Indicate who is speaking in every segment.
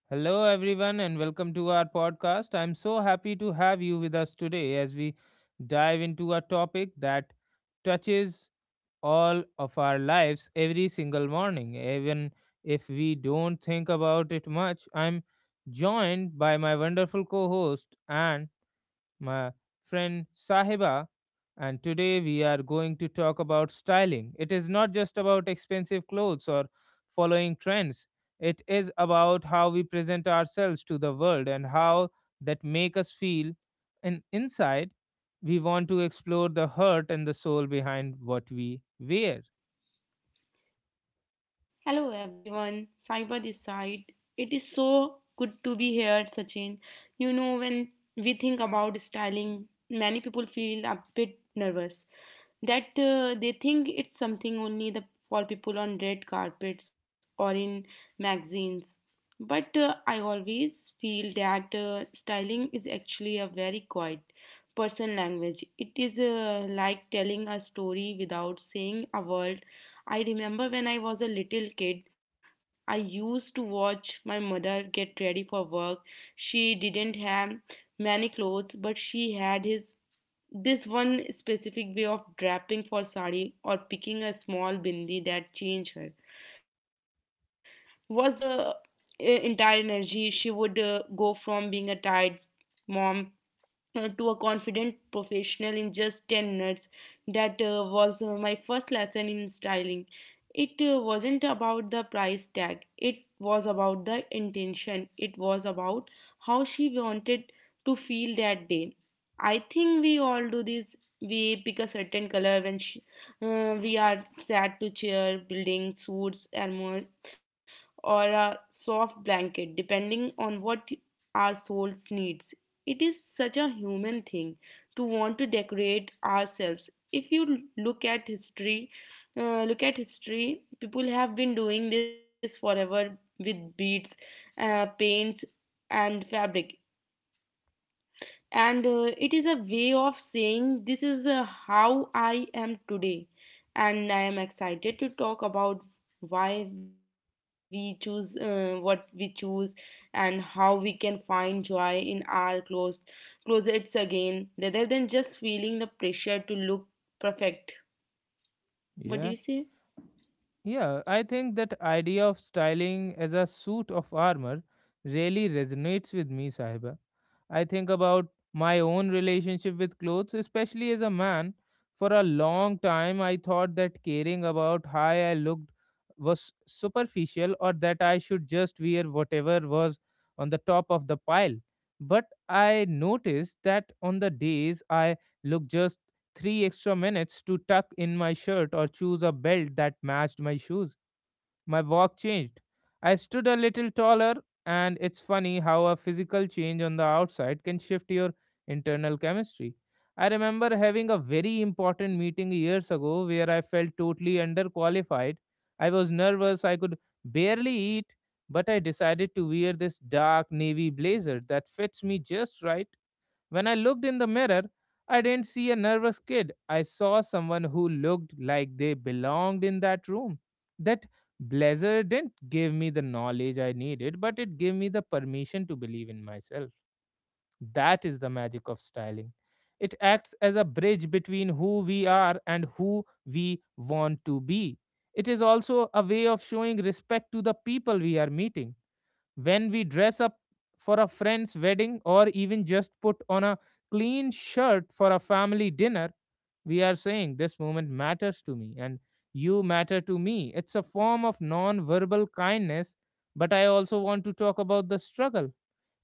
Speaker 1: Hello, everyone, and welcome to our podcast. I'm so happy to have you with us today as we dive into a topic that touches all of our lives every single morning, even if we don't think about it much. I'm joined by my wonderful co host, and my friend Sahiba, and today we are going to talk about styling. It is not just about expensive clothes or following trends. It is about how we present ourselves to the world and how that make us feel. And inside, we want to explore the heart and the soul behind what we wear.
Speaker 2: Hello everyone, Cyber this side. It is so good to be here, Sachin. When we think about styling, many people feel a bit nervous that they think it's something only the for people on red carpets or in magazines. But I always feel that styling is actually a very quiet person language. It is like telling a story without saying a word. I remember when I was a little kid, I used to watch my mother get ready for work. She didn't have many clothes, but she had his this one specific way of draping for sari or picking a small bindi that changed her. Was uh, Entire energy. She would go from being a tired mom to a confident professional in just 10 minutes. That was my first lesson in styling. It wasn't about the price tag, it was about the intention, it was about how she wanted to feel that day. I think we all do this. We pick a certain color when we are sad to cheer, building suits, and more or a soft blanket, depending on what our souls needs. It is such a human thing to want to decorate ourselves. If you look at history, look at history, people have been doing this forever with beads, paints, and fabric and it is a way of saying this is how I am today, and I am excited to talk about why we choose what we choose and how we can find joy in our clothes closets again rather than just feeling the pressure to look perfect. What do you
Speaker 1: Yeah.
Speaker 2: say?
Speaker 1: Yeah, I think that idea of styling as a suit of armor really resonates with me, Sahiba. I think about my own relationship with clothes, especially as a man. For a long time, I thought that caring about how I looked was superficial or that I should just wear whatever was on the top of the pile. But I noticed that on the days I look just three extra minutes to tuck in my shirt or choose a belt that matched my shoes. My walk changed. I stood a little taller, and it's funny how a physical change on the outside can shift your internal chemistry. I remember having a very important meeting years ago where I felt totally underqualified. I was nervous, I could barely eat, but I decided to wear this dark navy blazer that fits me just right when I looked in the mirror, I didn't see a nervous kid. I saw someone who looked like they belonged in that room. That blazer didn't give me the knowledge I needed, but it gave me the permission to believe in myself. That is the magic of styling. It acts as a bridge between who we are and who we want to be. It is also a way of showing respect to the people we are meeting when we dress up for a friend's wedding or even just put on a clean shirt for a family dinner, we are saying this moment matters to me and you matter to me. It's a form of non verbal kindness, but I also want to talk about the struggle.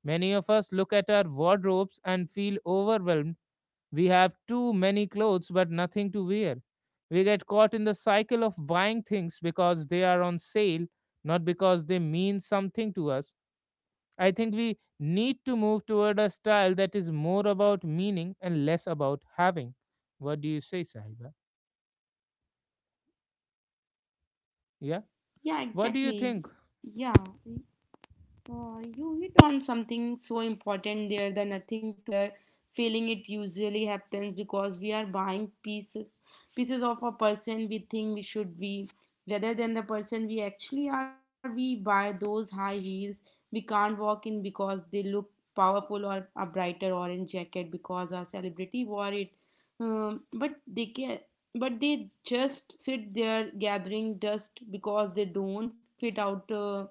Speaker 1: Many of us look at our wardrobes and feel overwhelmed. We have too many clothes but nothing to wear. We get caught in the cycle of buying things because they are on sale, not because they mean something to us. I think we need to move toward a style that is more about meaning and less about having. What do you say, Sahiba? Yeah.
Speaker 2: Yeah,
Speaker 1: What do you think?
Speaker 2: exactly. Yeah. You hit on something so important there, the nothing to wear feeling. It usually happens because we are buying pieces of a person we think we should be rather than the person we actually are. We buy those high heels we can't walk in because they look powerful, or a brighter orange jacket because a celebrity wore it. But they can, but they just sit there gathering dust because they don't fit out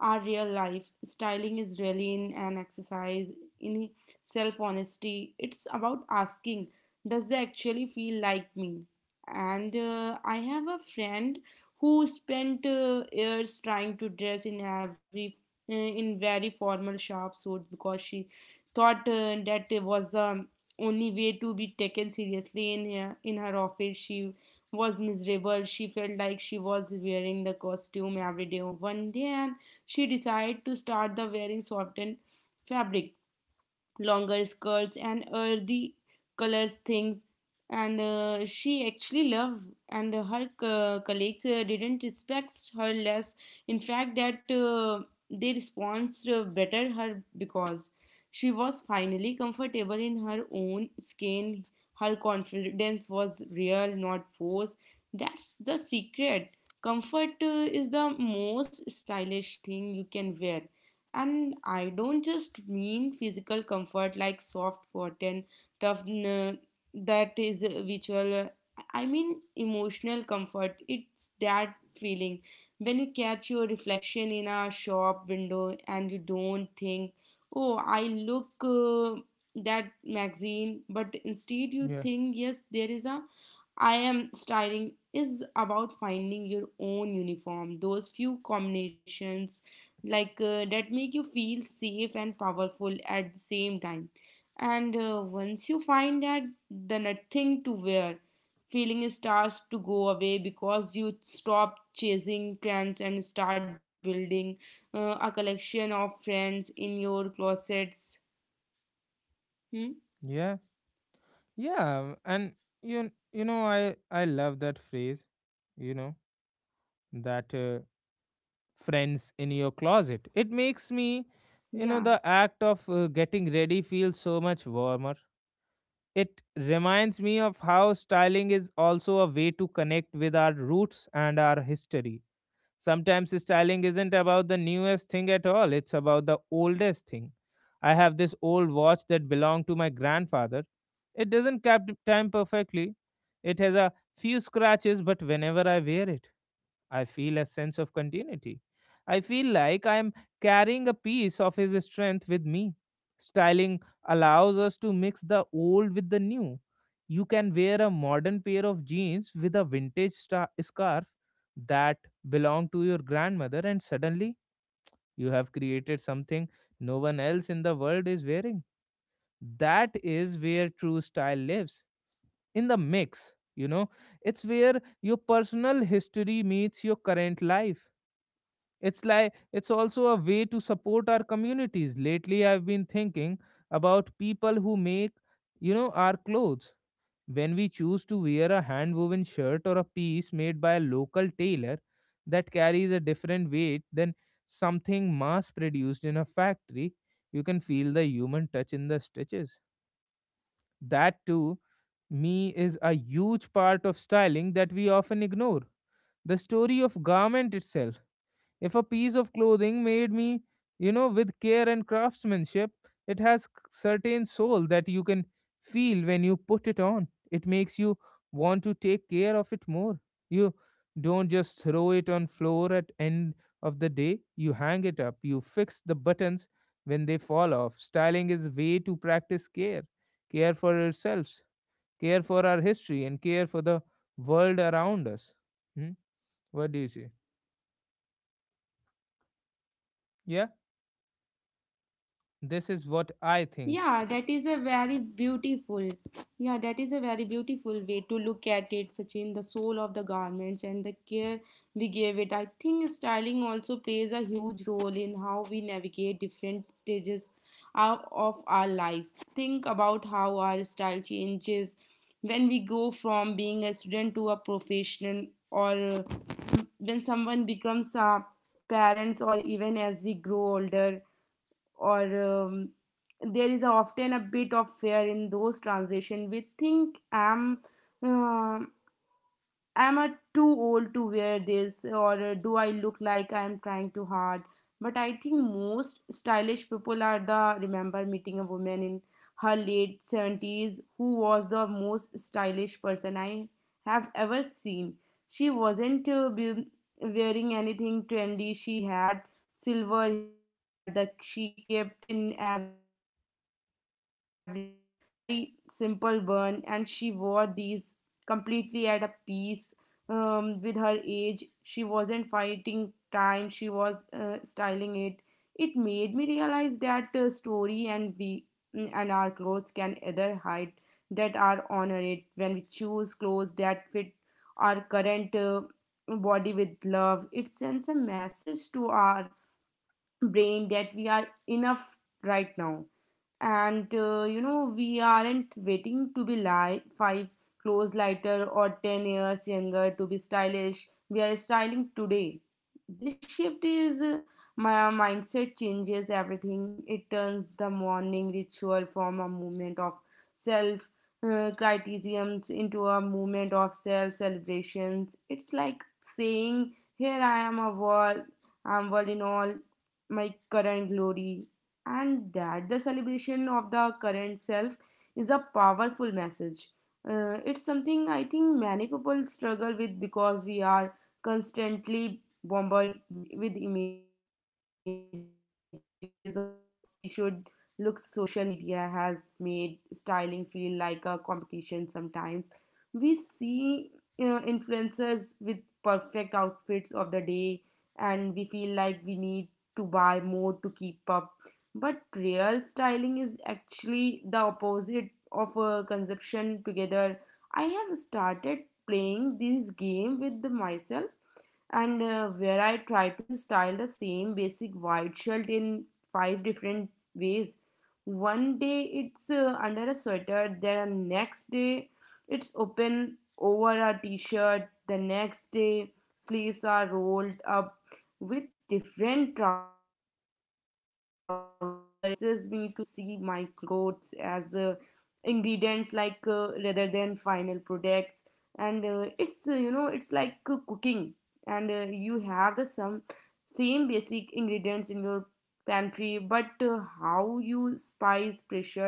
Speaker 2: our real life. Styling is really in an exercise in self honesty. It's about asking, does they actually feel like me? And I have a friend who spent years trying to dress in every in very formal sharp suit because she thought that it was the only way to be taken seriously in her office. She was miserable. She felt like she was wearing the costume every day. One day, she decided to start the wearing softened fabric, longer skirts and earthy colors, things and she actually loved, and her colleagues didn't respect her less. In fact, that they responded better her because she was finally comfortable in her own skin. Her confidence was real, not forced. That's the secret. Comfort is the most stylish thing you can wear, and I don't just mean physical comfort like soft cotton, tough, n- that is visual. I mean emotional comfort. It's that feeling when you catch your reflection in a shop window and you don't think, oh, I look that magazine, but instead you
Speaker 1: Yeah.
Speaker 2: think, yes, there is a I am. Styling is about finding your own uniform, those few combinations that make you feel safe and powerful at the same time, and once you find that, the nothing to wear feeling starts to go away because you stop chasing trends and start building a collection of friends in your closets. Hmm?
Speaker 1: Yeah. Yeah. And you know I love that phrase. You know that friends in your closet. It makes me. The
Speaker 2: Yeah.
Speaker 1: act of getting ready feels so much warmer. It reminds me of how styling is also a way to connect with our roots and our history. Sometimes styling isn't about the newest thing at all, it's about the oldest thing. I have this old watch that belonged to my grandfather. It doesn't cap time perfectly. It has a few scratches, but whenever I wear it, I feel a sense of continuity. I feel like I am carrying a piece of his strength with me. Styling allows us to mix the old with the new. You can wear a modern pair of jeans with a vintage scarf that belonged to your grandmother, and suddenly you have created something no one else in the world is wearing. That is where true style lives, in the mix, you know. It's where your personal history meets your current life. It's like it's also a way to support our communities. Lately, I've been thinking about people who make, you know, our clothes. When we choose to wear a hand woven shirt or a piece made by a local tailor that carries a different weight than something mass produced in a factory, you can feel the human touch in the stitches. That too me is a huge part of styling that we often ignore. The story of garment itself, if a piece of clothing made me, you know, with care and craftsmanship, it has certain soul that you can feel when you put it on. It makes you want to take care of it more. You don't just throw it on floor at end of the day. You hang it up. You fix the buttons when they fall off. Styling is way to practice care. Care for ourselves, care for our history, and care for the world around us. Hmm? What do you say? Yeah? This is what I think.
Speaker 2: Yeah, that is a very beautiful. Yeah, that is a very beautiful way to look at it, Sachin. The soul of the garments and the care we gave it. I think styling also plays a huge role in how we navigate different stages of our lives. Think about how our style changes when we go from being a student to a professional, or when someone becomes a parents, or even as we grow older or um, there is often a bit of fear in those transition. We think I too old to wear this, or do I look like I'm trying too hard? But I think most stylish people are the remember meeting a woman in her late 70s who was the most stylish person I have ever seen. She wasn't wearing anything trendy. She had silver hair that she kept in a very simple bun, and she wore these completely at a piece with her age. She wasn't fighting time, she was styling it. It made me realize that story and we and our clothes can either hide that are honor it. When we choose clothes that fit our current body with love, it sends a message to our brain that we are enough right now, and we aren't waiting to be five clothes lighter or 10 years younger to be stylish. We are styling today. This shift is my mindset changes everything. It turns the morning ritual from a movement of self criticisms into a movement of self celebrations. It's like saying here I am a wall, I'm world in all my current glory, and that the celebration of the current self is a powerful message. It's something I think many people struggle with because we are constantly bombarded with images of how we should look. Social media has made styling feel like a competition sometimes. We see influencers with perfect outfits of the day, and we feel like we need to buy more to keep up. But real styling is actually the opposite of a conception together. I have started playing this game with myself and where I try to style the same basic white shirt in five different ways. One day it's under a sweater, then next day it's open over a t-shirt, the next day sleeves are rolled up with different trousers. It forces me to see my clothes as ingredients rather than final products, and it's like cooking, and you have the some same basic ingredients in your pantry, but how you spice pressure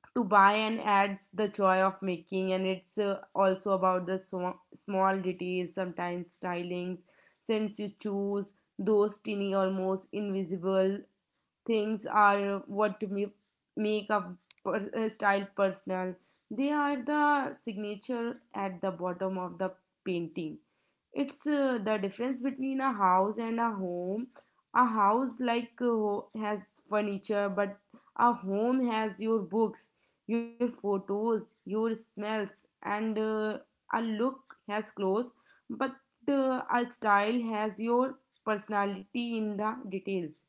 Speaker 2: to buy and adds the joy of making. And it's also about the small details. Sometimes stylings since you choose those tiny almost invisible things are what, to me, make a, per, a style personal. They are the signature at the bottom of the painting. It's the difference between a house and a home. A house has furniture, but a home has your books, your photos, your smells, and a look has clothes. But a style has your personality in the details,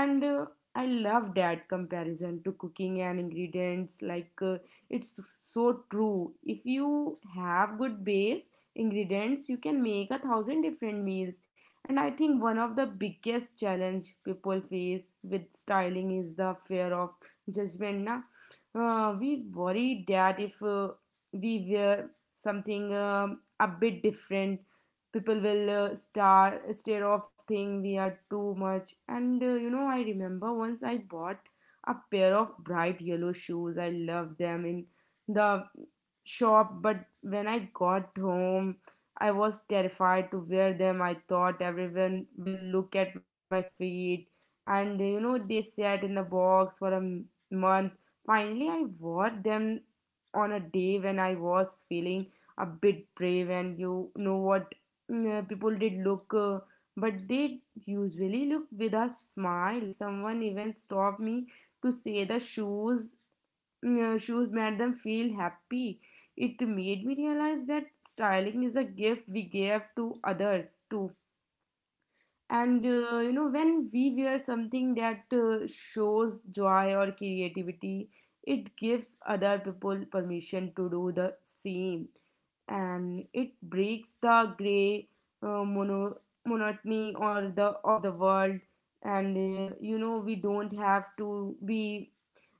Speaker 2: and I love that comparison to cooking and ingredients. It's so true, if you have good base ingredients you can make a thousand different meals. And I think one of the biggest challenge people face with styling is the fear of judgment, na? We worry that if we wear something a bit different, people will stare off think we are too much. And I remember once I bought a pair of bright yellow shoes. I loved them in the shop, but when I got home I was terrified to wear them. I thought everyone will look at my feet, and you know they sat in the box for a month. Finally I wore them on a day when I was feeling a bit brave, and you know what, people did look, but they usually look with a smile. Someone even stopped me to say the shoes made them feel happy. It made me realize that styling is a gift we give to others too. And you know, when we wear something that shows joy or creativity, it gives other people permission to do the same, and it breaks the gray uh, mono, monotony or the of the world. And you know, we don't have to be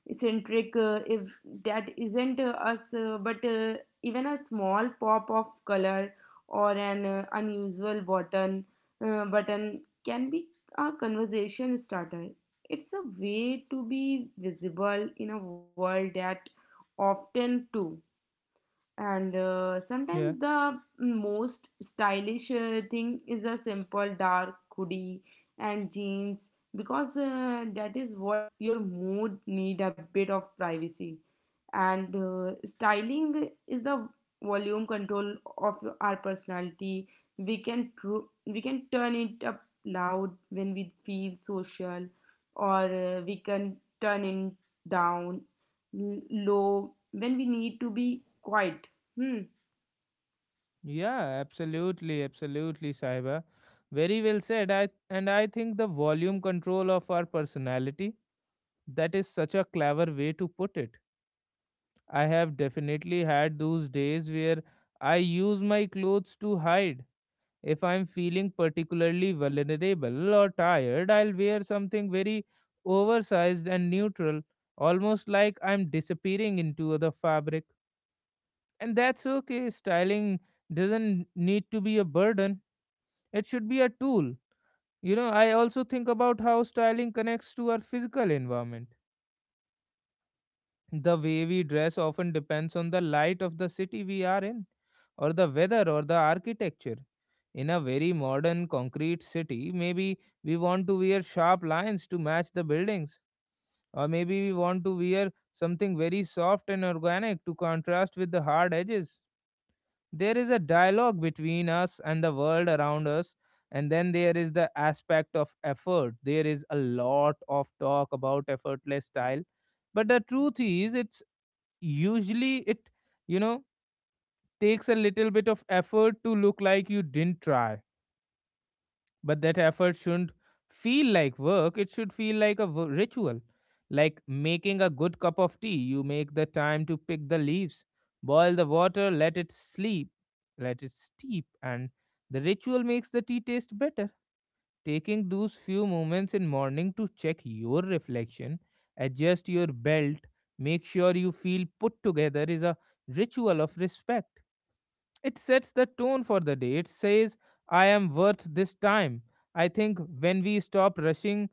Speaker 2: eccentric if that isn't us, but even a small pop of color or an unusual button can be a conversation starter. It's a way to be visible in a world that often too. And
Speaker 1: Yeah.
Speaker 2: sometimes the most stylish thing is a simple dark hoodie and jeans, because that is what your mood need, a bit of privacy. And styling is the volume control of our personality. We can we can turn it up loud when we feel social, or we can turn it down low when we need to be quiet. Hmm.
Speaker 1: Yeah, absolutely, absolutely, Saiba. Very well said. I think the volume control of our personality, that is such a clever way to put it. I have definitely had those days where I use my clothes to hide. If I'm feeling particularly vulnerable or tired, I'll wear something very oversized and neutral, almost like I'm disappearing into the fabric. And that's okay. Styling doesn't need to be a burden, it should be a tool. You know, I also think about how styling connects to our physical environment. The way we dress often depends on the light of the city we are in, or the weather, or the architecture. In a very modern concrete city, maybe we want to wear sharp lines to match the buildings, or maybe we want to wear something very soft and organic to contrast with the hard edges. There is a dialogue between us and the world around us, and then there is the aspect of effort. There is a lot of talk about effortless style, but the truth is, it's usually you know, takes a little bit of effort to look like you didn't try, but that effort shouldn't feel like work, it should feel like a ritual. Like making a good cup of tea, you make the time to pick the leaves, boil the water, let it sleep, let it steep, and the ritual makes the tea taste better. Taking those few moments in morning to check your reflection, adjust your belt, make sure you feel put together is a ritual of respect. It sets the tone for the day. It says, I am worth this time. I think when we stop rushing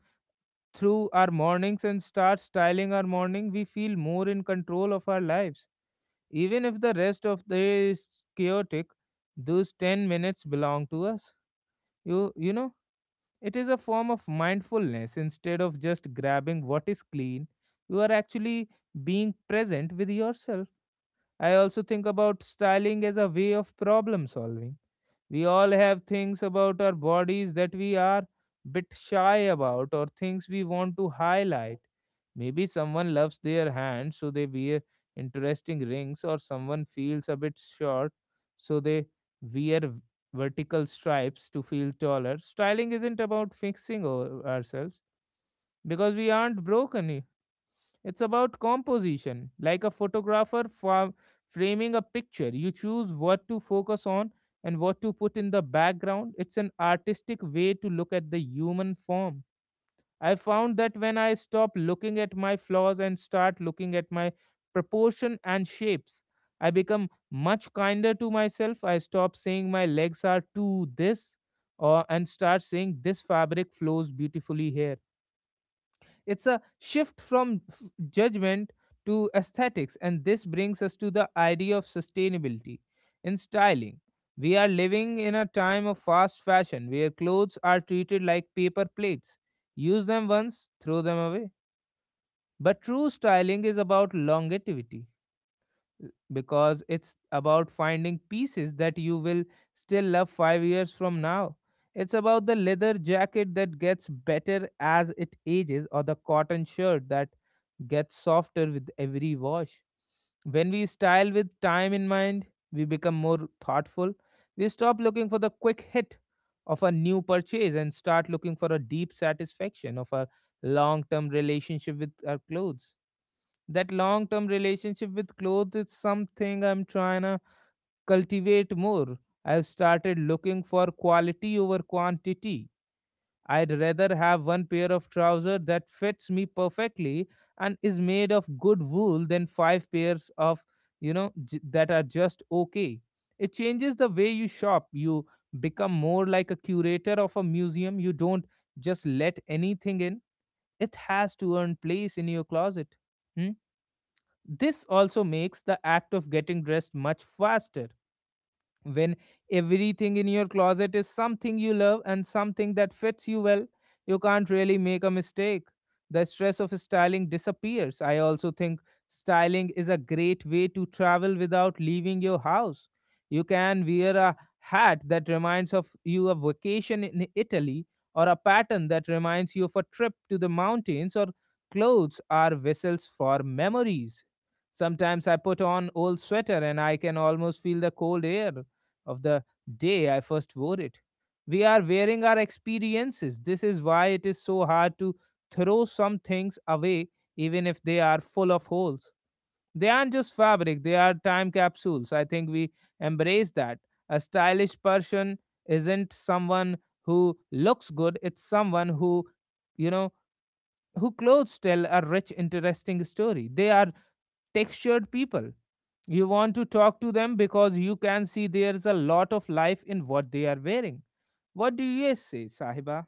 Speaker 1: through our mornings and start styling our morning, we feel more in control of our lives. Even if the rest of the day is chaotic, those 10 minutes belong to us. You, you know, it is a form of mindfulness. Instead of just grabbing what is clean, you are actually being present with yourself. I also think about styling as a way of problem solving. We all have things about our bodies that we are bit shy about or things we want to highlight. Maybe someone loves their hands so they wear interesting rings, or someone feels a bit short so they wear vertical stripes to feel taller. Styling isn't about fixing ourselves because we aren't broken. It's about composition. Like a photographer framing a picture, you choose what to focus on and what to put in the background. It's an artistic way to look at the human form. I found that when I stop looking at my flaws and start looking at my proportion and shapes, I become much kinder to myself. I stop saying my legs are too this or, and start saying this fabric flows beautifully here. It's a shift from judgment to aesthetics, and this brings us to the idea of sustainability in styling. We are living in a time of fast fashion where clothes are treated like paper plates. Use them once, throw them away. But true styling is about longevity because it's about finding pieces that you will still love 5 years from now. It's about the leather jacket that gets better as it ages or the cotton shirt that gets softer with every wash. When we style with time in mind, we become more thoughtful. We stop looking for the quick hit of a new purchase and start looking for a deep satisfaction of a long term relationship with our clothes. That long term relationship with clothes is something I'm trying to cultivate more. I've started looking for quality over quantity. I'd rather have one pair of trousers that fits me perfectly and is made of good wool than five pairs of, that are just okay. It changes the way you shop. You become more like a curator of a museum. You don't just let anything in, it has to earn place in your closet. Hmm. This also makes the act of getting dressed much faster when everything in your closet is something you love and something that fits you well, you can't really make a mistake. The stress of styling disappears. I also think styling is a great way to travel without leaving your house. You can wear a hat that reminds of you of vacation in Italy or a pattern that reminds you of a trip to the mountains. Or clothes are vessels for memories. Sometimes I put on old sweater and I can almost feel the cold air of the day I first wore it. We are wearing our experiences. This is why it is so hard to throw some things away, even if they are full of holes. They aren't just fabric, they are time capsules. I think we embrace that. A stylish person isn't someone who looks good, it's someone you know, who clothes tell a rich, interesting story. They are textured people. You want to talk to them because you can see there's a lot of life in what they are wearing. What do you say, Sahiba?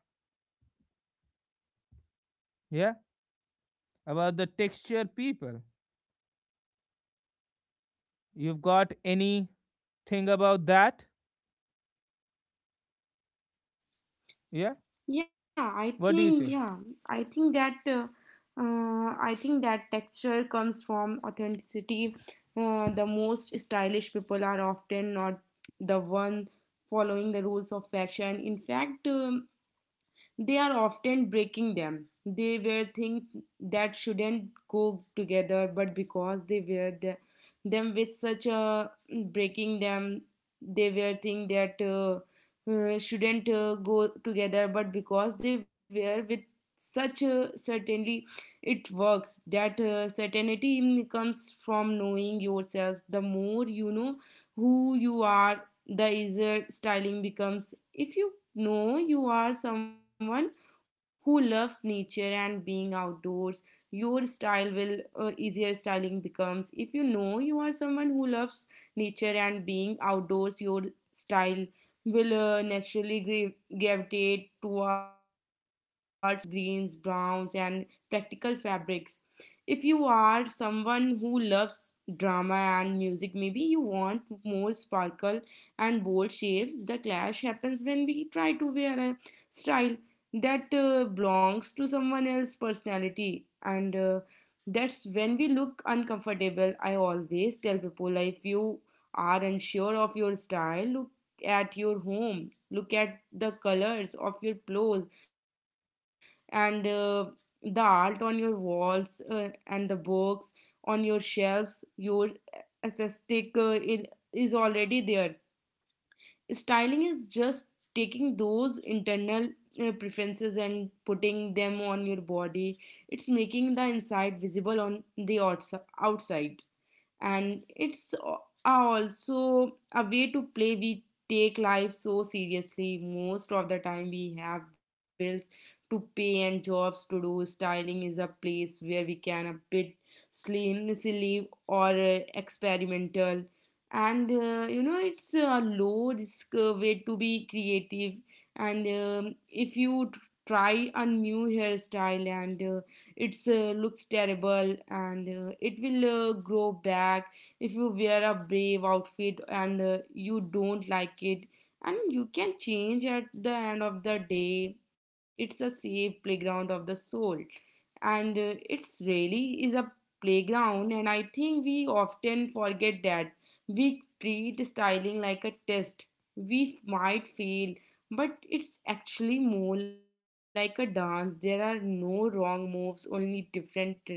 Speaker 1: Yeah, about the textured people. You've got anything about that? Yeah,
Speaker 2: Yeah, i
Speaker 1: what do you
Speaker 2: think
Speaker 1: say?
Speaker 2: yeah i think that uh, I think that texture comes from authenticity. The most stylish people are often not the one following the rules of fashion. In fact, they are often breaking them. They wear things that shouldn't go together, but because they wear them with such a breaking them, they wear things that shouldn't go together, but because they wear with such certainly it works. That certainty comes from knowing yourselves. The more you know who you are, the easier styling becomes. If you know you are someone who loves nature and being outdoors, your style will easier styling becomes if you know you are someone who loves nature and being outdoors your style will naturally gravitate towards greens, browns, and practical fabrics. If you are someone who loves drama and music, maybe you want more sparkle and bold shapes. The clash happens when we try to wear a style that belongs to someone else's personality, and that's when we look uncomfortable. I always tell people, like, if you are unsure of your style, look at your home, look at the colors of your clothes, and the art on your walls, and the books on your shelves. Your aesthetic is already there. Styling is just taking those internal preferences and putting them on your body. It's making the inside visible on the outside. and it's a- Also a way to play. We take life so seriously most of the time. We have bills to pay and jobs to do. Styling is a place where we can a bit slim silly or experimental, and you know, it's a low risk way to be creative. And if you try a new hairstyle and it looks terrible, and it will grow back. If you wear a brave outfit and you don't like it, and you can change at the end of the day. It's a safe playground of the soul, and it's really is a playground, and I think we often forget that. We treat styling like a test we might fail, but it's actually more like a dance. There are no wrong moves, only different rhythms.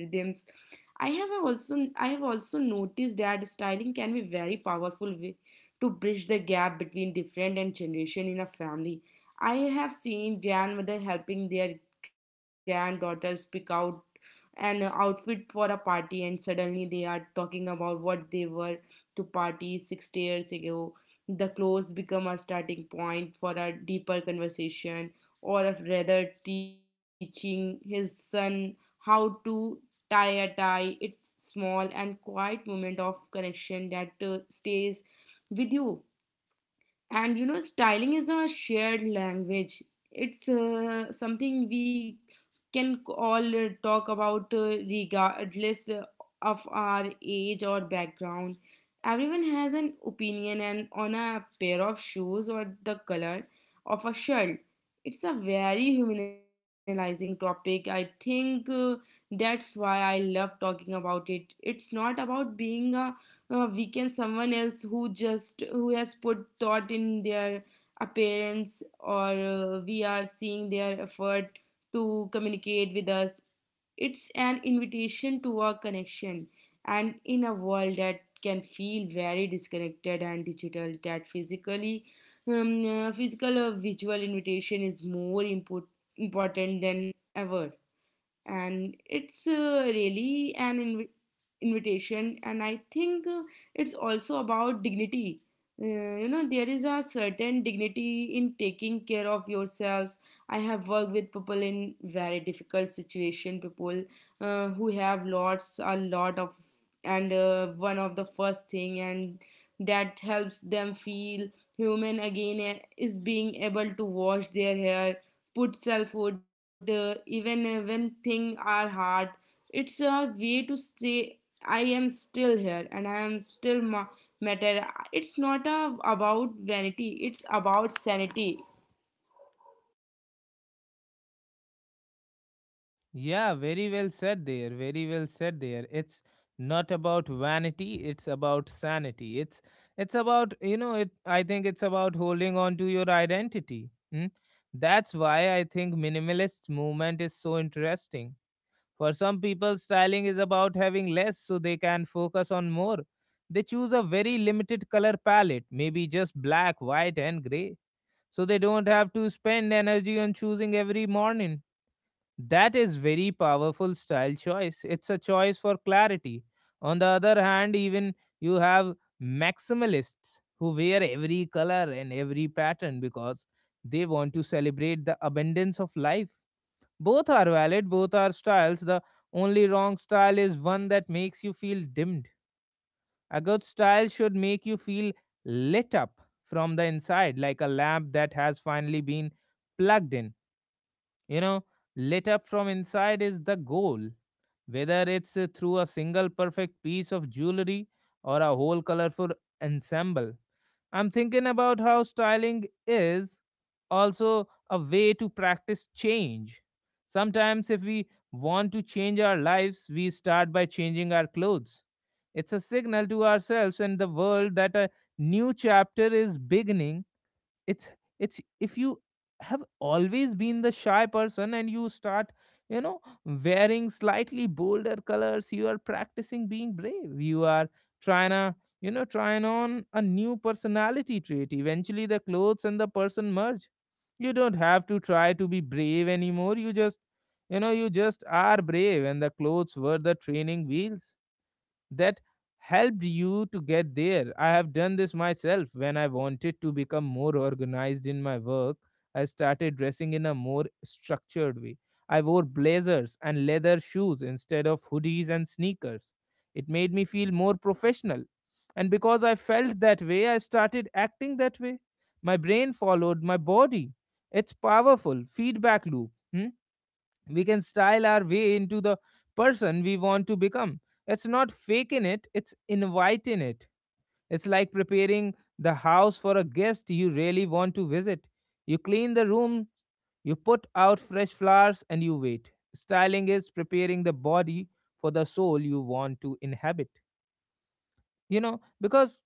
Speaker 2: I have also noticed that styling can be very powerful way to bridge the gap between different and generation in a family. I have seen grandmother helping their granddaughters pick out an outfit for a party, and suddenly they are talking about what they were to party 60 years ago. The clothes become a starting point for a deeper conversation, or rather teaching his son how to tie a tie. It's small and quiet moment of connection that stays with you. And you know, styling is a shared language. It's something we can all talk about, regardless of our age or background. Everyone has an opinion and on a pair of shoes or the color of a shirt. It's a very humanizing topic. I think that's why I love talking about it. It's not about being a we can someone else who just who has put thought in their appearance, or we are seeing their effort to communicate with us. It's an invitation to a connection, and in a world that can feel very disconnected and digital, that physical or visual invitation is more important than ever. And it's really an invitation. And I think it's also about dignity. You know, there is a certain dignity in taking care of yourselves. I have worked with people in very difficult situation, people who have lots a lot of, and one of the first thing and that helps them feel human again, is being able to wash their hair. Put our food, even when things are hard, it's a way to say I am still here and I am still matter. It's not about vanity, it's about sanity.
Speaker 1: Yeah, very well said there. Very well said there. It's not about vanity, it's about sanity. It's about, you know, it I think it's about holding on to your identity. Hmm? That's why I think minimalist movement is so interesting. For some people, styling is about having less so they can focus on more. They choose a very limited color palette, maybe just black, white, and gray, so they don't have to spend energy on choosing every morning. That is very powerful style choice. It's a choice for clarity. On the other hand, even you have maximalists who wear every color and every pattern because they want to celebrate the abundance of life. Both are valid, both are styles. The only wrong style is one that makes you feel dimmed. A good style should make you feel lit up from the inside, like a lamp that has finally been plugged in you know, Lit up from inside is the goal, whether it's through a single perfect piece of jewelry or a whole colorful ensemble. I'm thinking about how styling is also a way to practice change. Sometimes, if we want to change our lives, we start by changing our clothes. It's a signal to ourselves and the world that a new chapter is beginning. It's it's if you have always been the shy person and you start you know wearing slightly bolder colors, you are practicing being brave. You are trying to you know trying on a new personality trait. Eventually the clothes and the person merge. You don't have to try to be brave anymore. You just are brave, and the clothes were the training wheels that helped you to get there. I have done this myself when I wanted to become more organized in my work. I started dressing in a more structured way. I wore blazers and leather shoes instead of hoodies and sneakers. It made me feel more professional. And because I felt that way, I started acting that way. My brain followed my body. It's powerful feedback loop. Hmm? We can style our way into the person we want to become. It's not faking it, it's inviting it. It's like preparing the house for a guest you really want to visit. You clean the room, you put out fresh flowers, and you wait. Styling is preparing the body for the soul you want to inhabit. You know, because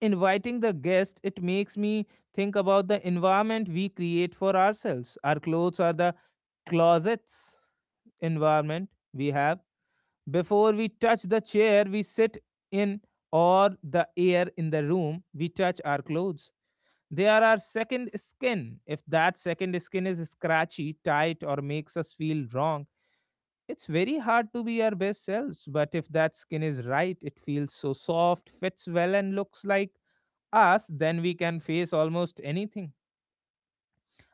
Speaker 1: inviting the guest, it makes me think about the environment we create for ourselves. Our clothes are the closets environment we have. Before we touch the chair we sit in or the air in the room, we touch our clothes. They are our second skin. If that second skin is scratchy, tight, or makes us feel wrong, it's very hard to be our best selves, but if that skin is right, it feels so soft, fits well, and looks like us, then we can face almost anything.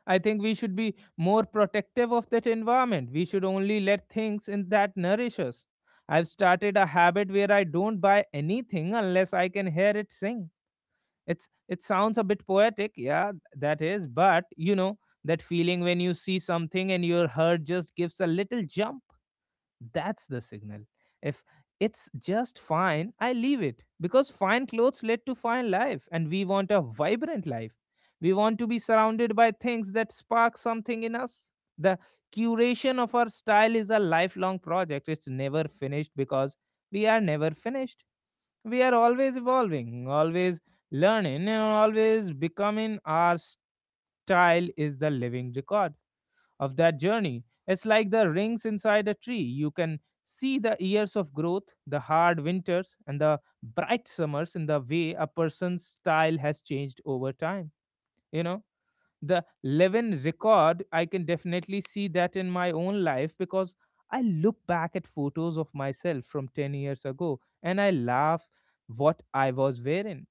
Speaker 1: I think we should be more protective of that environment. We should only let things in that nourish us. I've started a habit where I don't buy anything unless I can hear it sing. It sounds a bit poetic, yeah, that is, but that feeling when you see something and your heart just gives a little jump. That's the signal. If it's just fine, I leave it because fine clothes lead to fine life, and we want a vibrant life. We want to be surrounded by things that spark something in us. The curation of our style is a lifelong project. It's never finished because we are never finished. We are always evolving, always learning, and always becoming. Our style is the living record of that journey. It's like the rings inside a tree. You can see the years of growth, the hard winters, and the bright summers in the way a person's style has changed over time. You know, the Levin record, I can definitely see that in my own life because I look back at photos of myself from 10 years ago and I laugh what I was wearing,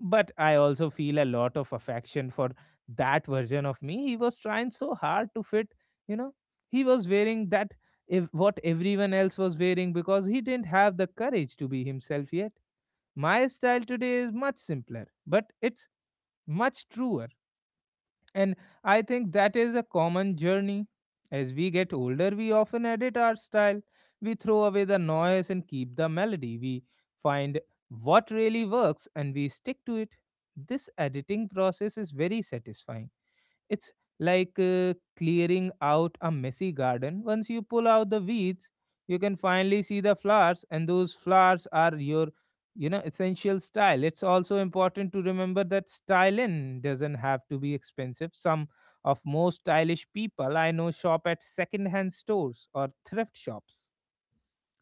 Speaker 1: but I also feel a lot of affection for that version of me. He was trying so hard to fit, you know. He was wearing that if what everyone else was wearing because he didn't have the courage to be himself yet. My style today is much simpler, but it's much truer, and I think that is a common journey. As we get older, we often edit our style. We throw away the noise and keep the melody. We find what really works and we stick to it. This editing process is very satisfying. It's like clearing out a messy garden. Once you pull out the weeds, you can finally see the flowers, and those flowers are your essential style. It's also important to remember that styling doesn't have to be expensive. Some of most stylish people I know shop at secondhand stores or thrift shops.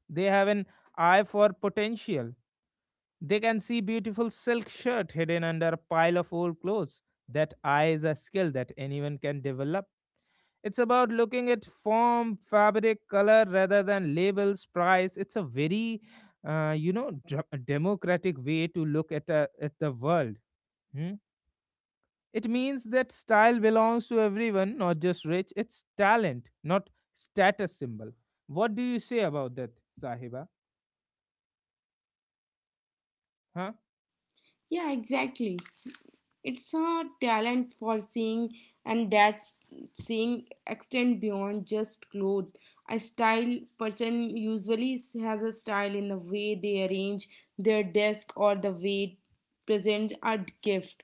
Speaker 1: They have an eye for potential. They can see beautiful silk shirt hidden under a pile of old clothes. That eye is a skill that anyone can develop. It's about looking at form, fabric, color rather than labels, price. It's a very, democratic way to look at the world. Hmm? It means that style belongs to everyone, not just rich. It's talent, not status symbol. What do you say about that, Sahiba? Huh?
Speaker 2: Yeah, exactly. It's a talent for seeing, and that's seeing extend beyond just clothes. A style person usually has a style in the way they arrange their desk, or the way present a gift,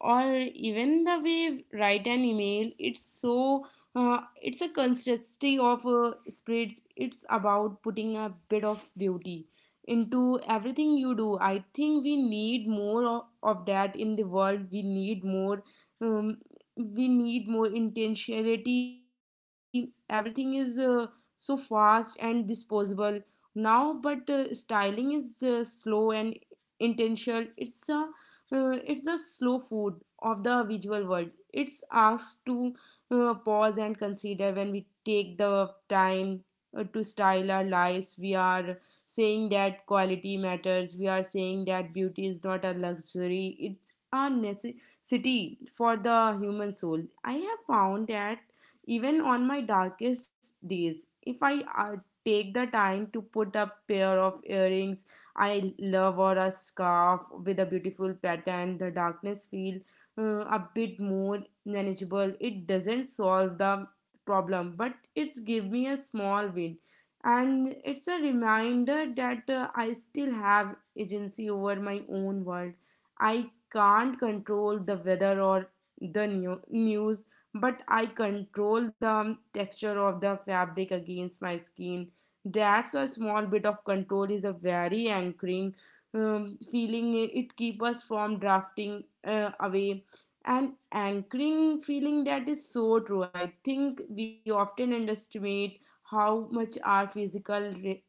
Speaker 2: or even the way write an email. It's so it's a consistency of spreads. It's about putting a bit of beauty into everything you do. I think we need more of that in the world. We need more um, we need more intentionality. Everything is so fast and disposable now, but styling is slow and intentional. It's a it's a slow food of the visual world. It's us to pause and consider. When we take the time to style our lives, we are saying that quality matters. We are saying that beauty is not a luxury. It's a necessity for the human soul. I have found that even on my darkest days, if I take the time to put a pair of earrings I love, or a scarf with a beautiful pattern, the darkness feel a bit more manageable. It doesn't solve the problem, but it's give me a small win. And it's a reminder that I still have agency over my own world. I can't control the weather or the news, but I control the texture of the fabric against my skin. That's a small bit of control is a very anchoring feeling. It keeps us from drafting away. And anchoring feeling, that is so true. I think we often underestimate how much our physical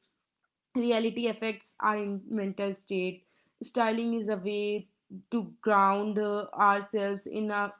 Speaker 2: reality affects our mental state. Styling is a way to ground ourselves in a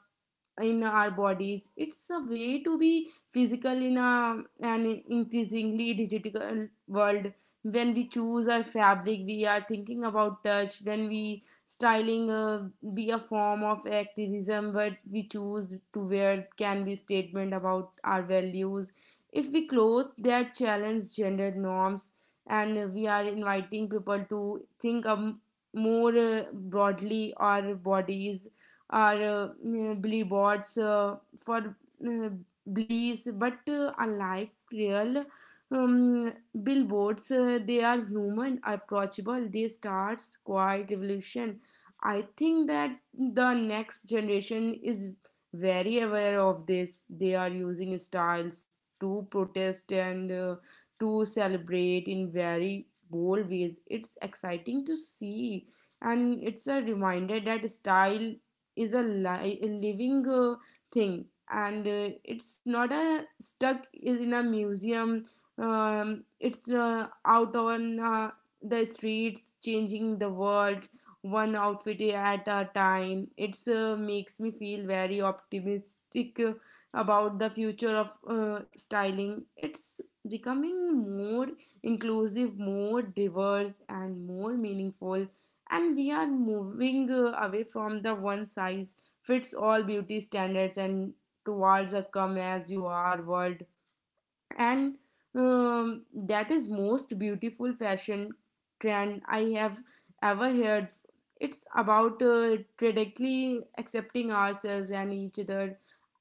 Speaker 2: in our bodies. It's a way to be physical in a an increasingly digital world. When we choose our fabric, we are thinking about touch. When we styling be a form of activism, but we choose to wear can be statement about our values. If we clothes, they are challenge gender norms, and we are inviting people to think more broadly our bodies, or billboards for uh, beliefs, but unlike real um, billboards, they are human, approachable. They start quiet revolution. I think that the next generation is very aware of this. They are using styles to protest and to celebrate in very bold ways. It's exciting to see, and it's a reminder that style is a, a living thing, and it's not a stuck in a museum. It's out on the streets changing the world one outfit at a time. It's makes me feel very optimistic about the future of styling. It's becoming more inclusive, more diverse, and more meaningful, and we are moving away from the one size fits all beauty standards and towards a come as you are world. And that is most beautiful fashion trend I have ever heard. It's about radically accepting ourselves and each other.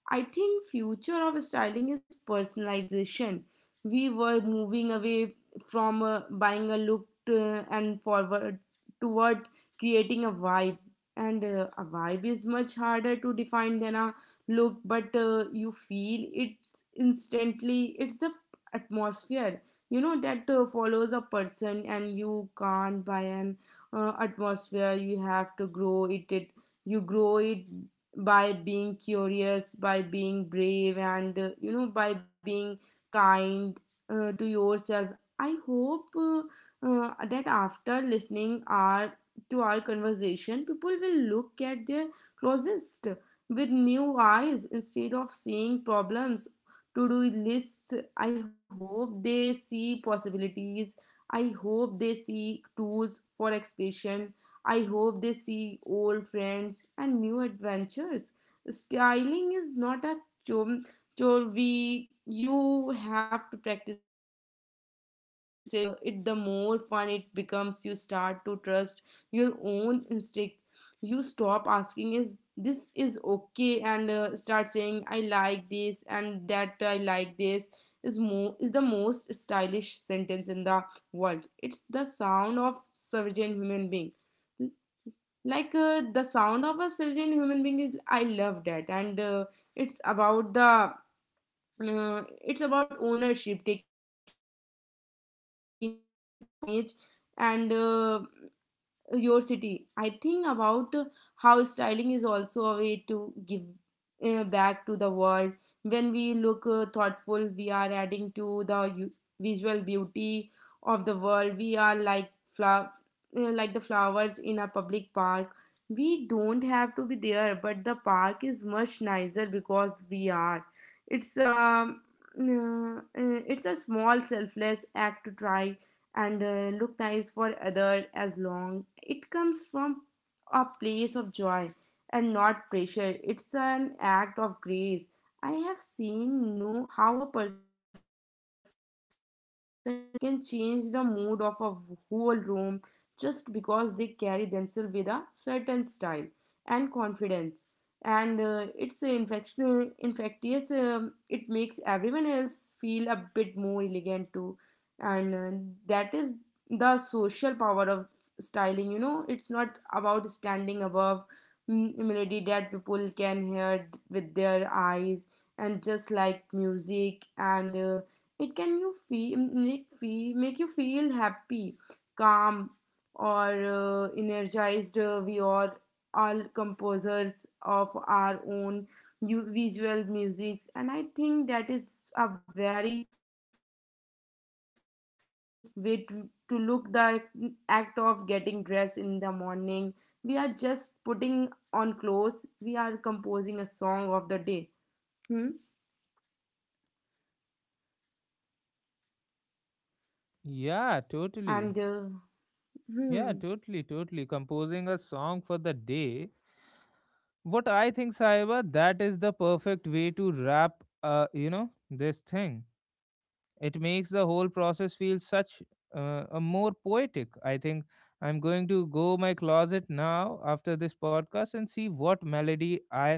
Speaker 2: I think future of styling is personalization. We were moving away from buying a look and forward toward creating a vibe. And a vibe is much harder to define than a look, but you feel it instantly. It's the atmosphere, you know, that follows a person, and you can't buy an atmosphere. You have to grow it. You grow it by being curious, by being brave, and you know, by being kind to yourself. I hope that after listening our to our conversation, people will look at their closest with new eyes. Instead of seeing problems to do lists, I hope they see possibilities. I hope they see tools for expression. I hope they see old friends and new adventures. Styling is not a chore, chore we you have to practice it. It the more fun it becomes, you start to trust your own instincts. You stop asking is this is okay and start saying I like this, and that I like this is more is the most stylish sentence in the world. It's the sound of sovereign human being, like the sound of a surgeon human being is I love that, and it's about the it's about ownership, taking ownership of your image and your city. I think about how styling is also a way to give back to the world. When we look thoughtful, we are adding to the visual beauty of the world. We are like flower, like the flowers in a public park. We don't have to be there, but the park is much nicer because we are. It's um, it's a small selfless act to try and look nice for other as long it comes from a place of joy and not pressure. It's an act of grace. I have seen know how a person's presence can change the mood of a whole room just because they carry themselves with a certain style and confidence. And it's infection infectious. It makes everyone else feel a bit more elegant too. And that is the social power of styling, you know. It's not about standing above melody that people can hear with their eyes. And just like music, and it can you feel make you feel happy, calm, or energized. We are all composers of our own visual musics, and I think that is a very inspiring way to look the act of getting dressed in the morning. We are just putting on clothes. We are composing a song of the day. Hmm?
Speaker 1: Yeah, totally.
Speaker 2: And
Speaker 1: Yeah,
Speaker 2: hmm.
Speaker 1: totally, totally. Composing a song for the day. What I think, Sahiba, that is the perfect way to wrap, this thing. It makes the whole process feel such a more poetic I think. I'm going to go my closet now after this podcast and see what melody I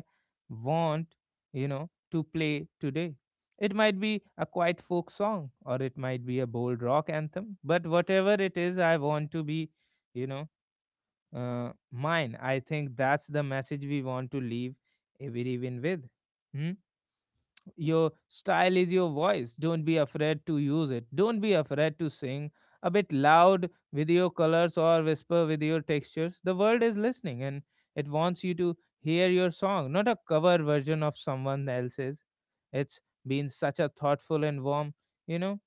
Speaker 1: want to play today. It might be a quiet folk song or it might be a bold rock anthem, but whatever it is, I want to be you know mine. I think that's the message we want to leave every even with. Hmm? Your style is your voice. Don't be afraid to use it. Don't be afraid to sing a bit loud with your colors or whisper with your textures. The world is listening and it wants you to hear your song, not a cover version of someone else's. It's been such a thoughtful and warm, you know,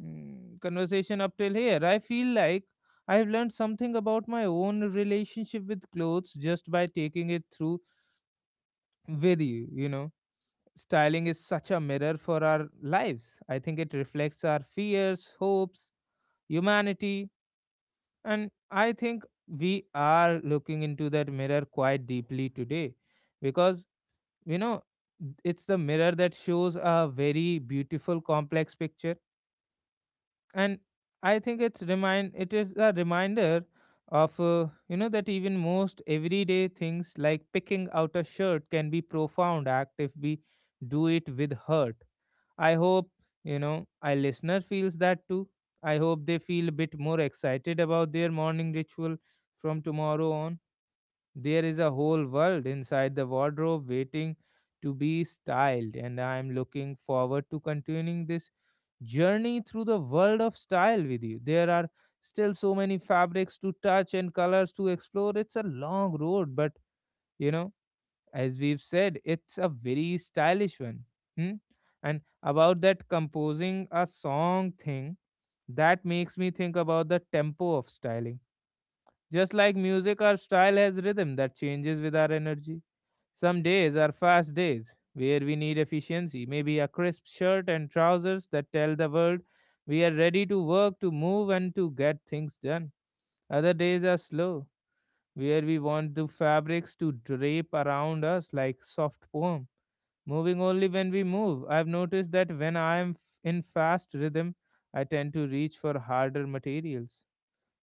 Speaker 1: conversation up till here. I feel like I've learned something about my own relationship with clothes just by taking it through with you, you know Styling is such a mirror for our lives. I think it reflects our fears, hopes, humanity, and I think we are looking into that mirror quite deeply today because you know it's the mirror that shows a very beautiful complex picture. And I think it is a reminder of you know that even most everyday things like picking out a shirt can be profound act if we do it with hurt. I hope our listener feels that too. I hope they feel a bit more excited about their morning ritual from tomorrow on. There is a whole world inside the wardrobe waiting to be styled, and I am looking forward to continuing this journey through the world of style with you. There are still so many fabrics to touch and colors to explore. It's a long road, but you know as we've said, it's a very stylish one. Hmm? And about that composing a song thing, that makes me think about the tempo of styling. Just like music, our style has rhythm that changes with our energy. Some days are fast days where we need efficiency, maybe a crisp shirt and trousers that tell the world we are ready to work, to move, and to get things done. Other days are slow, where we want the fabrics to drape around us like soft poems. Moving only when we move. I've noticed that when I am in fast rhythm, I tend to reach for harder materials,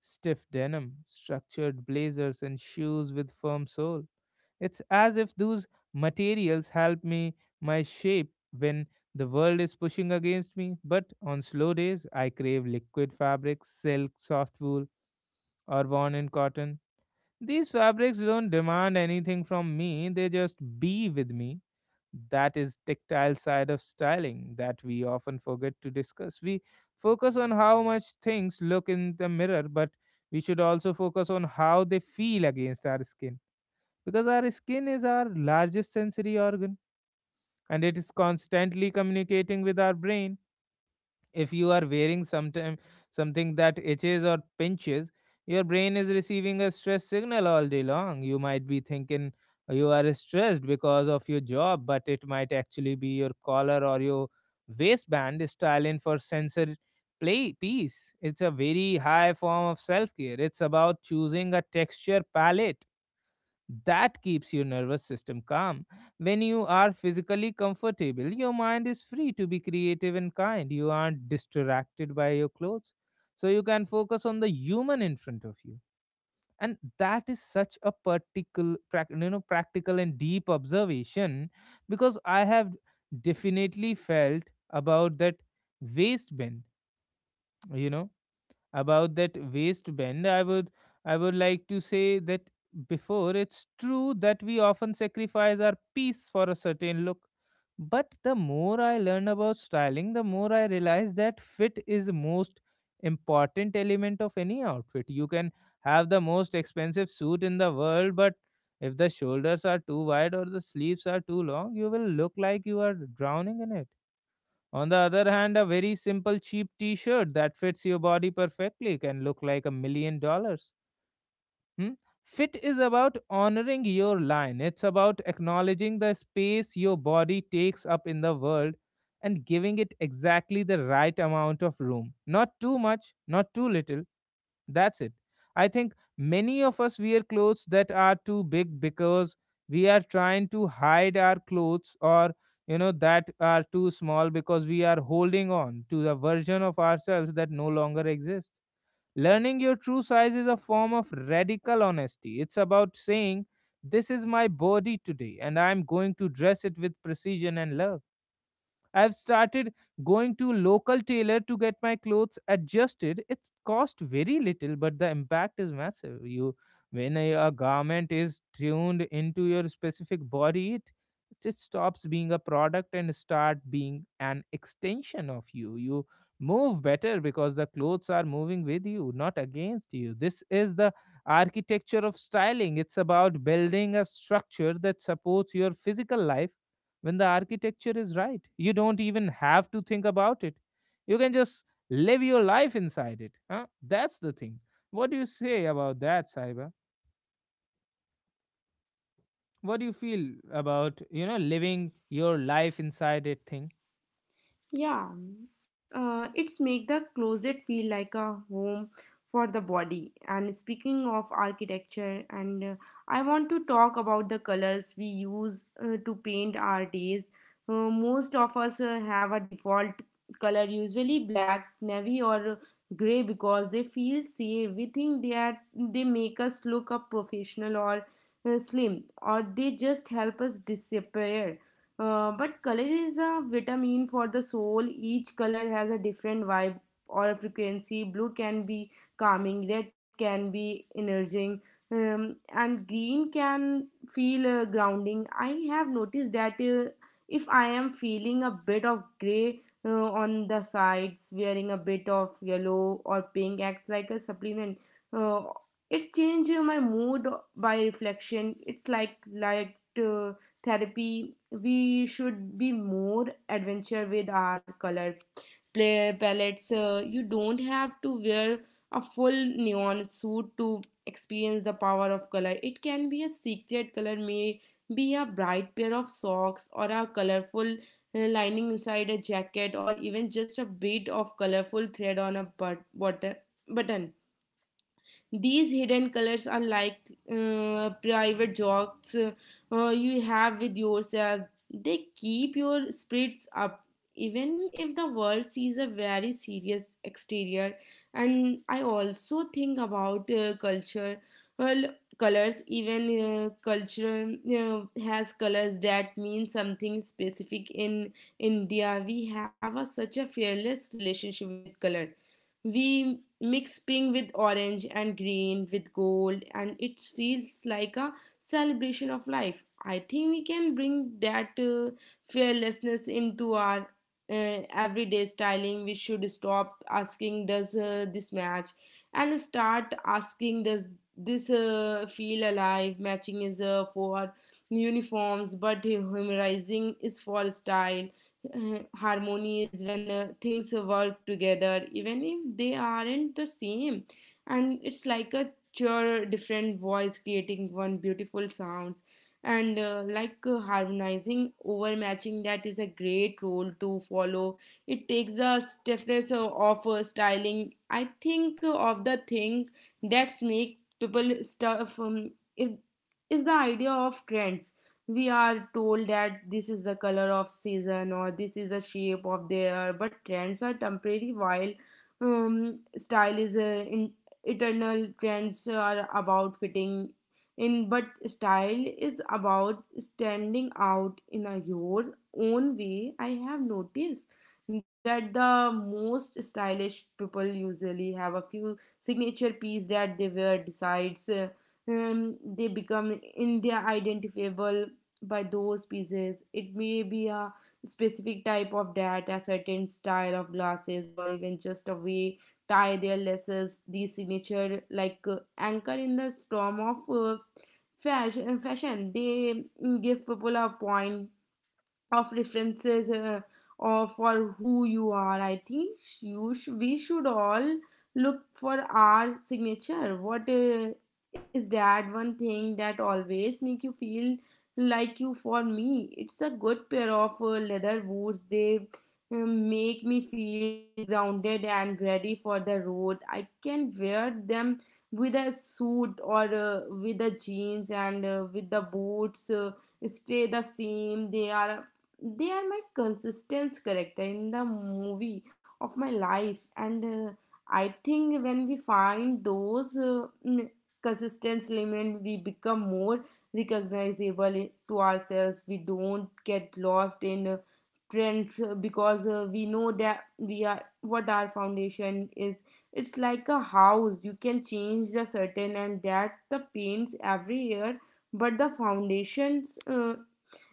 Speaker 1: stiff denim, structured blazers, and shoes with firm sole. It's as if those materials help me my shape when the world is pushing against me. But on slow days, I crave liquid fabrics, silk, soft wool, or worn in cotton. These fabrics don't demand anything from me, they just be with me. That is tactile side of styling that we often forget to discuss. We focus on how much things look in the mirror, but we should also focus on how they feel against our skin, because our skin is our largest sensory organ and it is constantly communicating with our brain. If you are wearing sometime, something that itches or pinches, your brain is receiving a stress signal all day long. You might be thinking you are stressed because of your job, but it might actually be your collar or your waistband is styling for sensor play piece. It's a very high form of self care. It's about choosing a texture palette that keeps your nervous system calm. When you are physically comfortable, your mind is free to be creative and kind. You aren't distracted by your clothes. So you can focus on the human in front of you. And that is such a particular, practical and deep observation, because I have definitely felt about that waistband, you know about that waistband. I would like to say that before, it's true that we often sacrifice our peace for a certain look, but the more I learn about styling, the more I realize that fit is the most important element of any outfit. You can have the most expensive suit in the world, but if the shoulders are too wide or the sleeves are too long, you will look like you are drowning in it. On the other hand, a very simple cheap t shirt that fits your body perfectly can look like $1 million. Hmm? Fit is about honoring your line. It's about acknowledging the space your body takes up in the world and giving it exactly the right amount of room. Not too much, not too little. That's it. I think many of us wear clothes that are too big because we are trying to hide our clothes, or you know that are too small because we are holding on to the version of ourselves that no longer exists. Learning your true size is a form of radical honesty. It's about saying, this is my body today, and I'm going to dress it with precision and love. I've started going to local tailor to get my clothes adjusted. It's cost very little, but the impact is massive. You, when a garment is tuned into your specific body, it just stops being a product and start being an extension of you. You move better because the clothes are moving with you, not against you. This is the architecture of styling. It's about building a structure that supports your physical life. When the architecture is right, you don't even have to think about it. You can just live your life inside it. Huh? That's the thing. What do you say about that, Saiba? What do you feel about, living your life inside it thing?
Speaker 2: Yeah, it's make the closet feel like a home for the body. And speaking of architecture, and I want to talk about the colors we use to paint our days. Most of us have a default color, usually black, navy, or gray, because they feel safe. We think they make us look up professional or slim, or they just help us disappear. But color is a vitamin for the soul. Each color has a different vibe or a frequency. Blue can be calming, red can be energizing, and green can feel grounding. I have noticed that if I am feeling a bit of gray on the sides, wearing a bit of yellow or pink acts like a supplement. Uh, it changes my mood by reflection. It's like therapy. We should be more adventure with our color play palettes. You don't have to wear a full neon suit to experience the power of color. It can be a secret color, may be a bright pair of socks or a colorful lining inside a jacket, or even just a bit of colorful thread on a button. These hidden colors are like private jokes you have with yourself. They keep your spirits up, even if the world sees a very serious exterior. And I also think about culture. Well, colors, even culture has colors that mean something specific. In India we have a, such a fearless relationship with color. We mix pink with orange and green with gold, and it feels like a celebration of life. I think we can bring that fearlessness into our everyday styling. We should stop asking, does this match, and start asking, does this feel alive. Matching is for uniforms, but humorizing is for style. Harmony is when things work together even if they aren't the same, and it's like a cheer different voice creating one beautiful sounds. And Like harmonizing over matching, that is a great role to follow. It takes a stiffness of styling, I think, of the thing that's make people stuff. It is the idea of trends. We are told that this is the color of season, or this is the shape of the hair, but trends are temporary, while style is eternal. Trends are about fitting in, but style is about standing out in a your own way. I have noticed that the most stylish people usually have a few signature piece that they wear decides. They become in their identifiable by those pieces. It may be a specific type of data, a certain style of glasses, or even just a way tie their laces. These signature like anchor in the storm of fashion. Fashion they give people a point of references of for who you are. I think we should all look for our signature. What is that one thing that always make you feel like you? For me, it's a good pair of leather boots. They make me feel grounded and ready for the road. I can wear them with a suit or with the jeans and with the boots. Stay the same. They are my consistent character in the movie of my life. And I think when we find those consistent element, we become more recognizable to ourselves. We don't get lost in trends, because we know that we are what our foundation is. It's like a house. You can change the certain and that the paints every year, but the foundations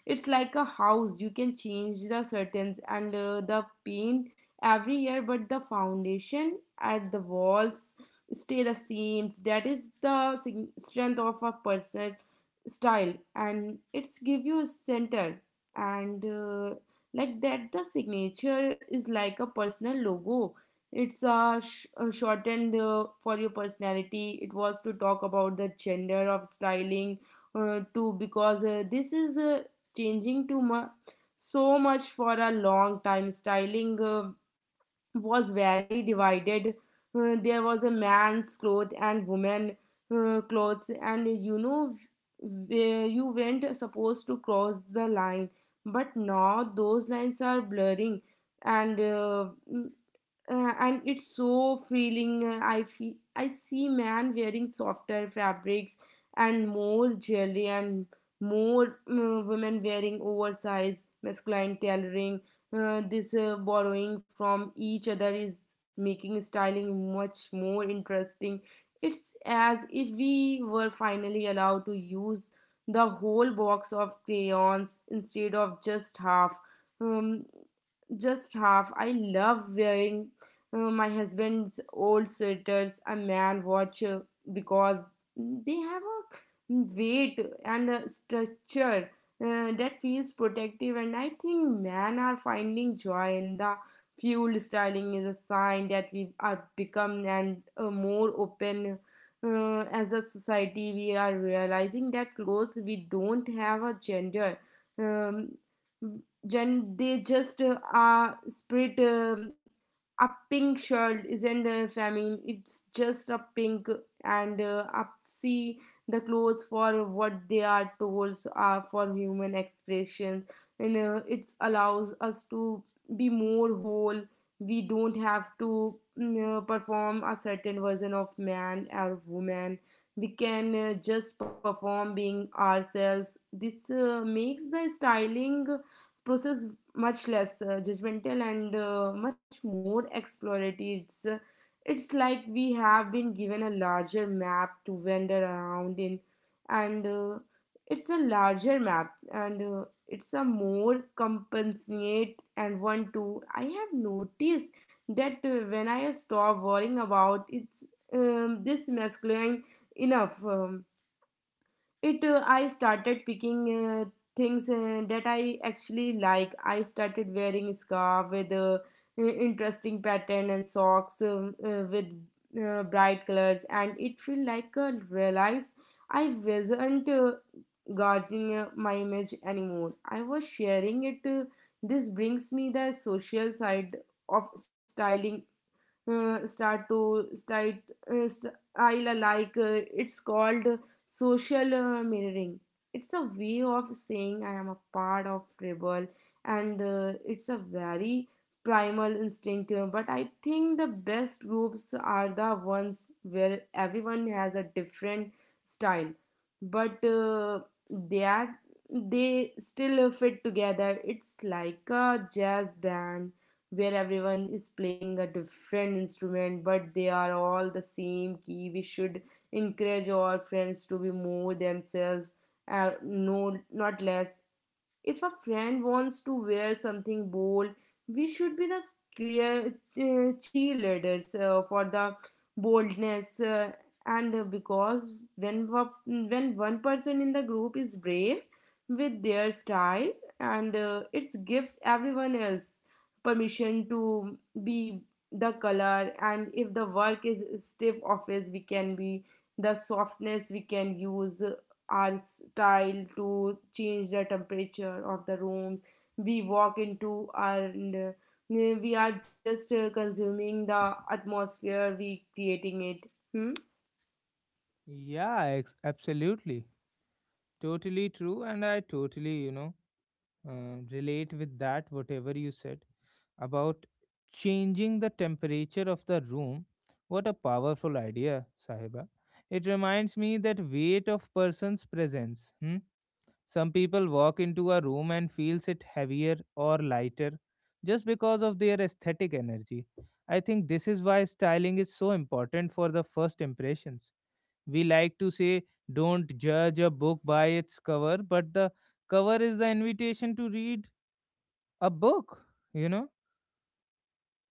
Speaker 2: it's like a house. You can change the curtains and the paint every year, but the foundation and the walls stay the same. That is the strength of a personal style, and it's give you a center and. Like that, the signature is like a personal logo. It's a, a shortened for your personality. It was to talk about the gender of styling too, because this is changing too much, so much. For a long time styling was very divided. There was a man's clothes and woman clothes, and you know, where you weren't supposed to cross the line, but now those lines are blurring. And and it's so feeling. Uh, i feel I see man wearing softer fabrics and more jewelry, and more women wearing oversized masculine tailoring. This borrowing from each other is making styling much more interesting. It's as if we were finally allowed to use the whole box of crayons instead of just half. um, I love wearing my husband's old sweaters, a man watch, because they have a weight and a structure that feels protective. And I think men are finding joy in the fuel styling is a sign that we are become and more open as a society. We are realizing that clothes we don't have a gender. um, they just are spread. A pink shirt isn't a famine, it's just a pink. And Up see the clothes for what they are told are for human expression, and it allows us to be more whole. We don't have to perform a certain version of man or woman. We can just perform being ourselves. This makes the styling process much less judgmental and much more exploratory. It's like we have been given a larger map to wander around in, and it's a larger map, and it's a more compassionate and one too. I have noticed that when I stop worrying about it's this masculine enough. It I started picking things that I actually like. I started wearing scarf with interesting pattern and socks with bright colors, and it feel like a realize I wasn't guarding my image anymore. I was sharing it. This brings me the social side of styling. Start style alike. It's called social mirroring. It's a way of saying I am a part of rebel, and it's a very primal instinct. But I think the best groups are the ones where everyone has a different style, but they are they still fit together. It's like a jazz band where everyone is playing a different instrument, but they are all the same key. We should encourage our friends to be more themselves, no, not less. If a friend wants to wear something bold, we should be the clear cheerleaders for the boldness. And Because when one person in the group is brave with their style, and it gives everyone else permission to be the color. And if the work is stiff office, we can be the softness. We can use our style to change the temperature of the rooms we walk into, and we are just consuming the atmosphere we creating it. Hmm?
Speaker 1: Yeah, absolutely. Totally true. And I totally, relate with that, whatever you said. About changing the temperature of the room. What a powerful idea, Sahiba. It reminds me that weight of person's presence. Hmm? Some people walk into a room and feels it heavier or lighter just because of their aesthetic energy. I think this is why styling is so important for the first impressions. We like to say don't judge a book by its cover, but the cover is the invitation to read a book, you know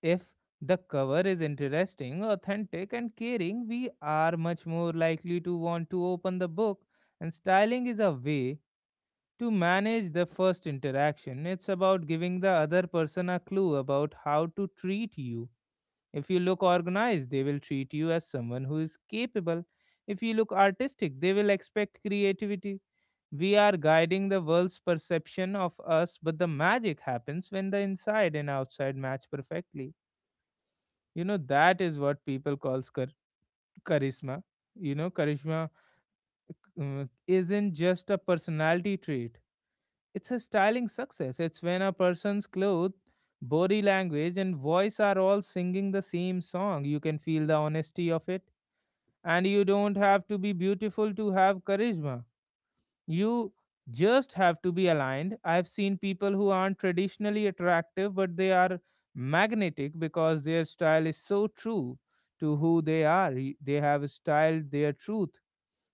Speaker 1: if the cover is interesting, authentic, and caring, we are much more likely to want to open the book. And styling is a way to manage the first interaction. It's about giving the other person a clue about how to treat you. If you look organized, they will treat you as someone who is capable. If you look artistic, they will expect creativity. We are guiding the world's perception of us, but the magic happens when the inside and outside match perfectly. You know, that is what people calls charisma. You know, charisma isn't just a personality trait, it's a styling success. It's when a person's clothes, body language and voice are all singing the same song. You can feel the honesty of it, and you don't have to be beautiful to have charisma. You just have to be aligned. I've seen people who aren't traditionally attractive, but they are magnetic because their style is so true to who they are. They have styled their truth.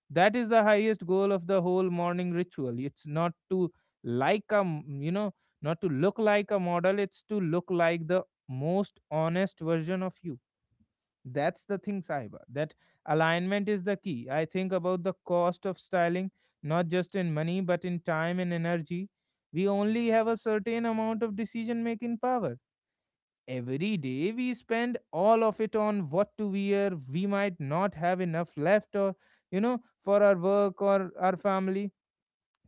Speaker 1: That is the highest goal of the whole morning ritual. It's not to like a, m- you know, not to look like a model, it's to look like the most honest version of you. That's the thing, Sahiba. That alignment is the key. I think about the cost of styling, not just in money, but in time and energy. We only have a certain amount of decision making power. Every day we spend all of it on what to wear. We might not have enough left or, for our work or our family.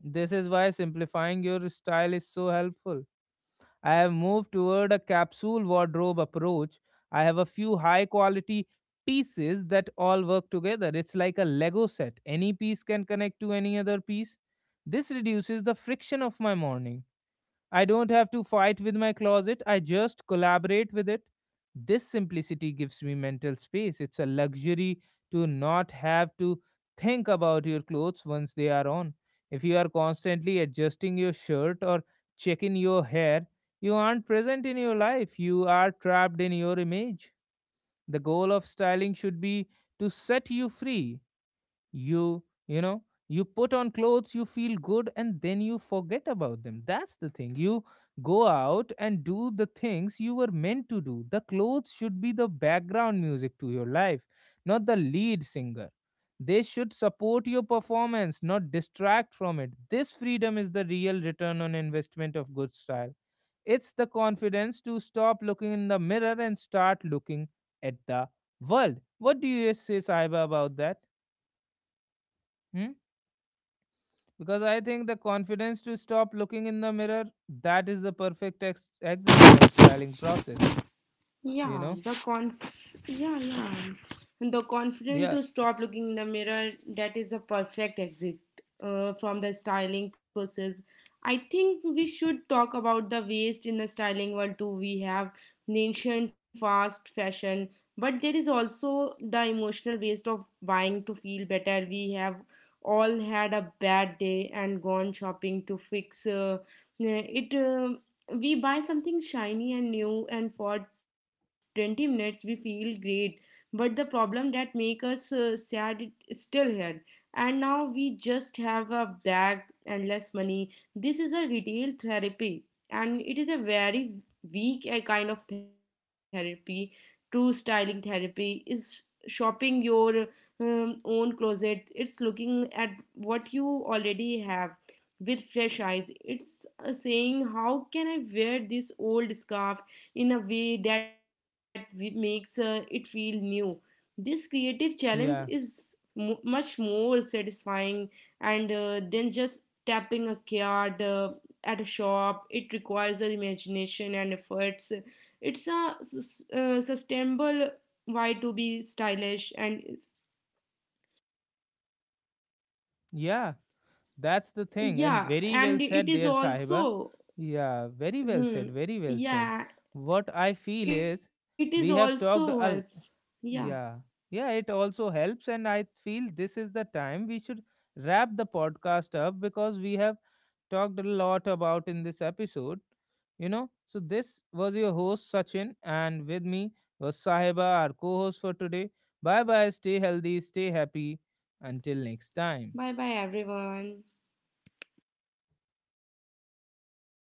Speaker 1: This is why simplifying your style is so helpful. I have moved toward a capsule wardrobe approach. I have a few high quality pieces that all work together. It's like a Lego set. Any piece can connect to any other piece. This reduces the friction of my morning. I don't have to fight with my closet, I just collaborate with it. This simplicity gives me mental space. It's a luxury to not have to think about your clothes once they are on. If you are constantly adjusting your shirt or checking your hair, you aren't present in your life. You are trapped in your image. The goal of styling should be to set you free. You know you put on clothes, you feel good, and then you forget about them. That's the thing. You go out and do the things you were meant to do. The clothes should be the background music to your life, not the lead singer. They should support your performance, not distract from it. This freedom is the real return on investment of good style. It's the confidence to stop looking in the mirror and start looking at the world. What do you say, Saiba, about that? Hmm. Because I think the confidence to stop looking in the mirror, that is the perfect exit from styling process, you
Speaker 2: Yeah,
Speaker 1: know?
Speaker 2: and the confident
Speaker 1: Yeah,
Speaker 2: to stop looking in the mirror, that is a perfect exit from the styling process. I think we should talk about the waste in the styling world too. We have mentioned fast fashion, but there is also the emotional waste of buying to feel better. We have all had a bad day and gone shopping to fix it. We buy something shiny and new, and for 20 minutes we feel great, but the problem that make us sad it is still here, and now we just have a bag and less money. This is a retail therapy, and it is a very weak kind of therapy. True styling therapy is shopping your own closet. It's looking at what you already have with fresh eyes. It's saying, how can I wear this old scarf in a way that makes it feel new. This creative challenge
Speaker 1: yeah,
Speaker 2: is mo much more satisfying and than just tapping a card at a shop. It requires imagination and efforts. It's a sustainable way to be stylish, and it's,
Speaker 1: yeah. That's the thing. And
Speaker 2: yeah,
Speaker 1: very well
Speaker 2: and it
Speaker 1: said
Speaker 2: is
Speaker 1: there, Sahiba.
Speaker 2: also,
Speaker 1: Yeah, very well said,
Speaker 2: hmm,
Speaker 1: very well said.
Speaker 2: yeah,
Speaker 1: What I feel
Speaker 2: it
Speaker 1: is
Speaker 2: is
Speaker 1: we
Speaker 2: also
Speaker 1: have talked
Speaker 2: helps, yeah,
Speaker 1: Yeah. Yeah, it also helps and I feel this is the time we should wrap the podcast up, because we have talked a lot about in this episode. You know, so this was your host Sachin, and with me was Sahiba, our co host for today. Bye bye, stay healthy, stay happy. Until next time.
Speaker 2: bye bye everyone.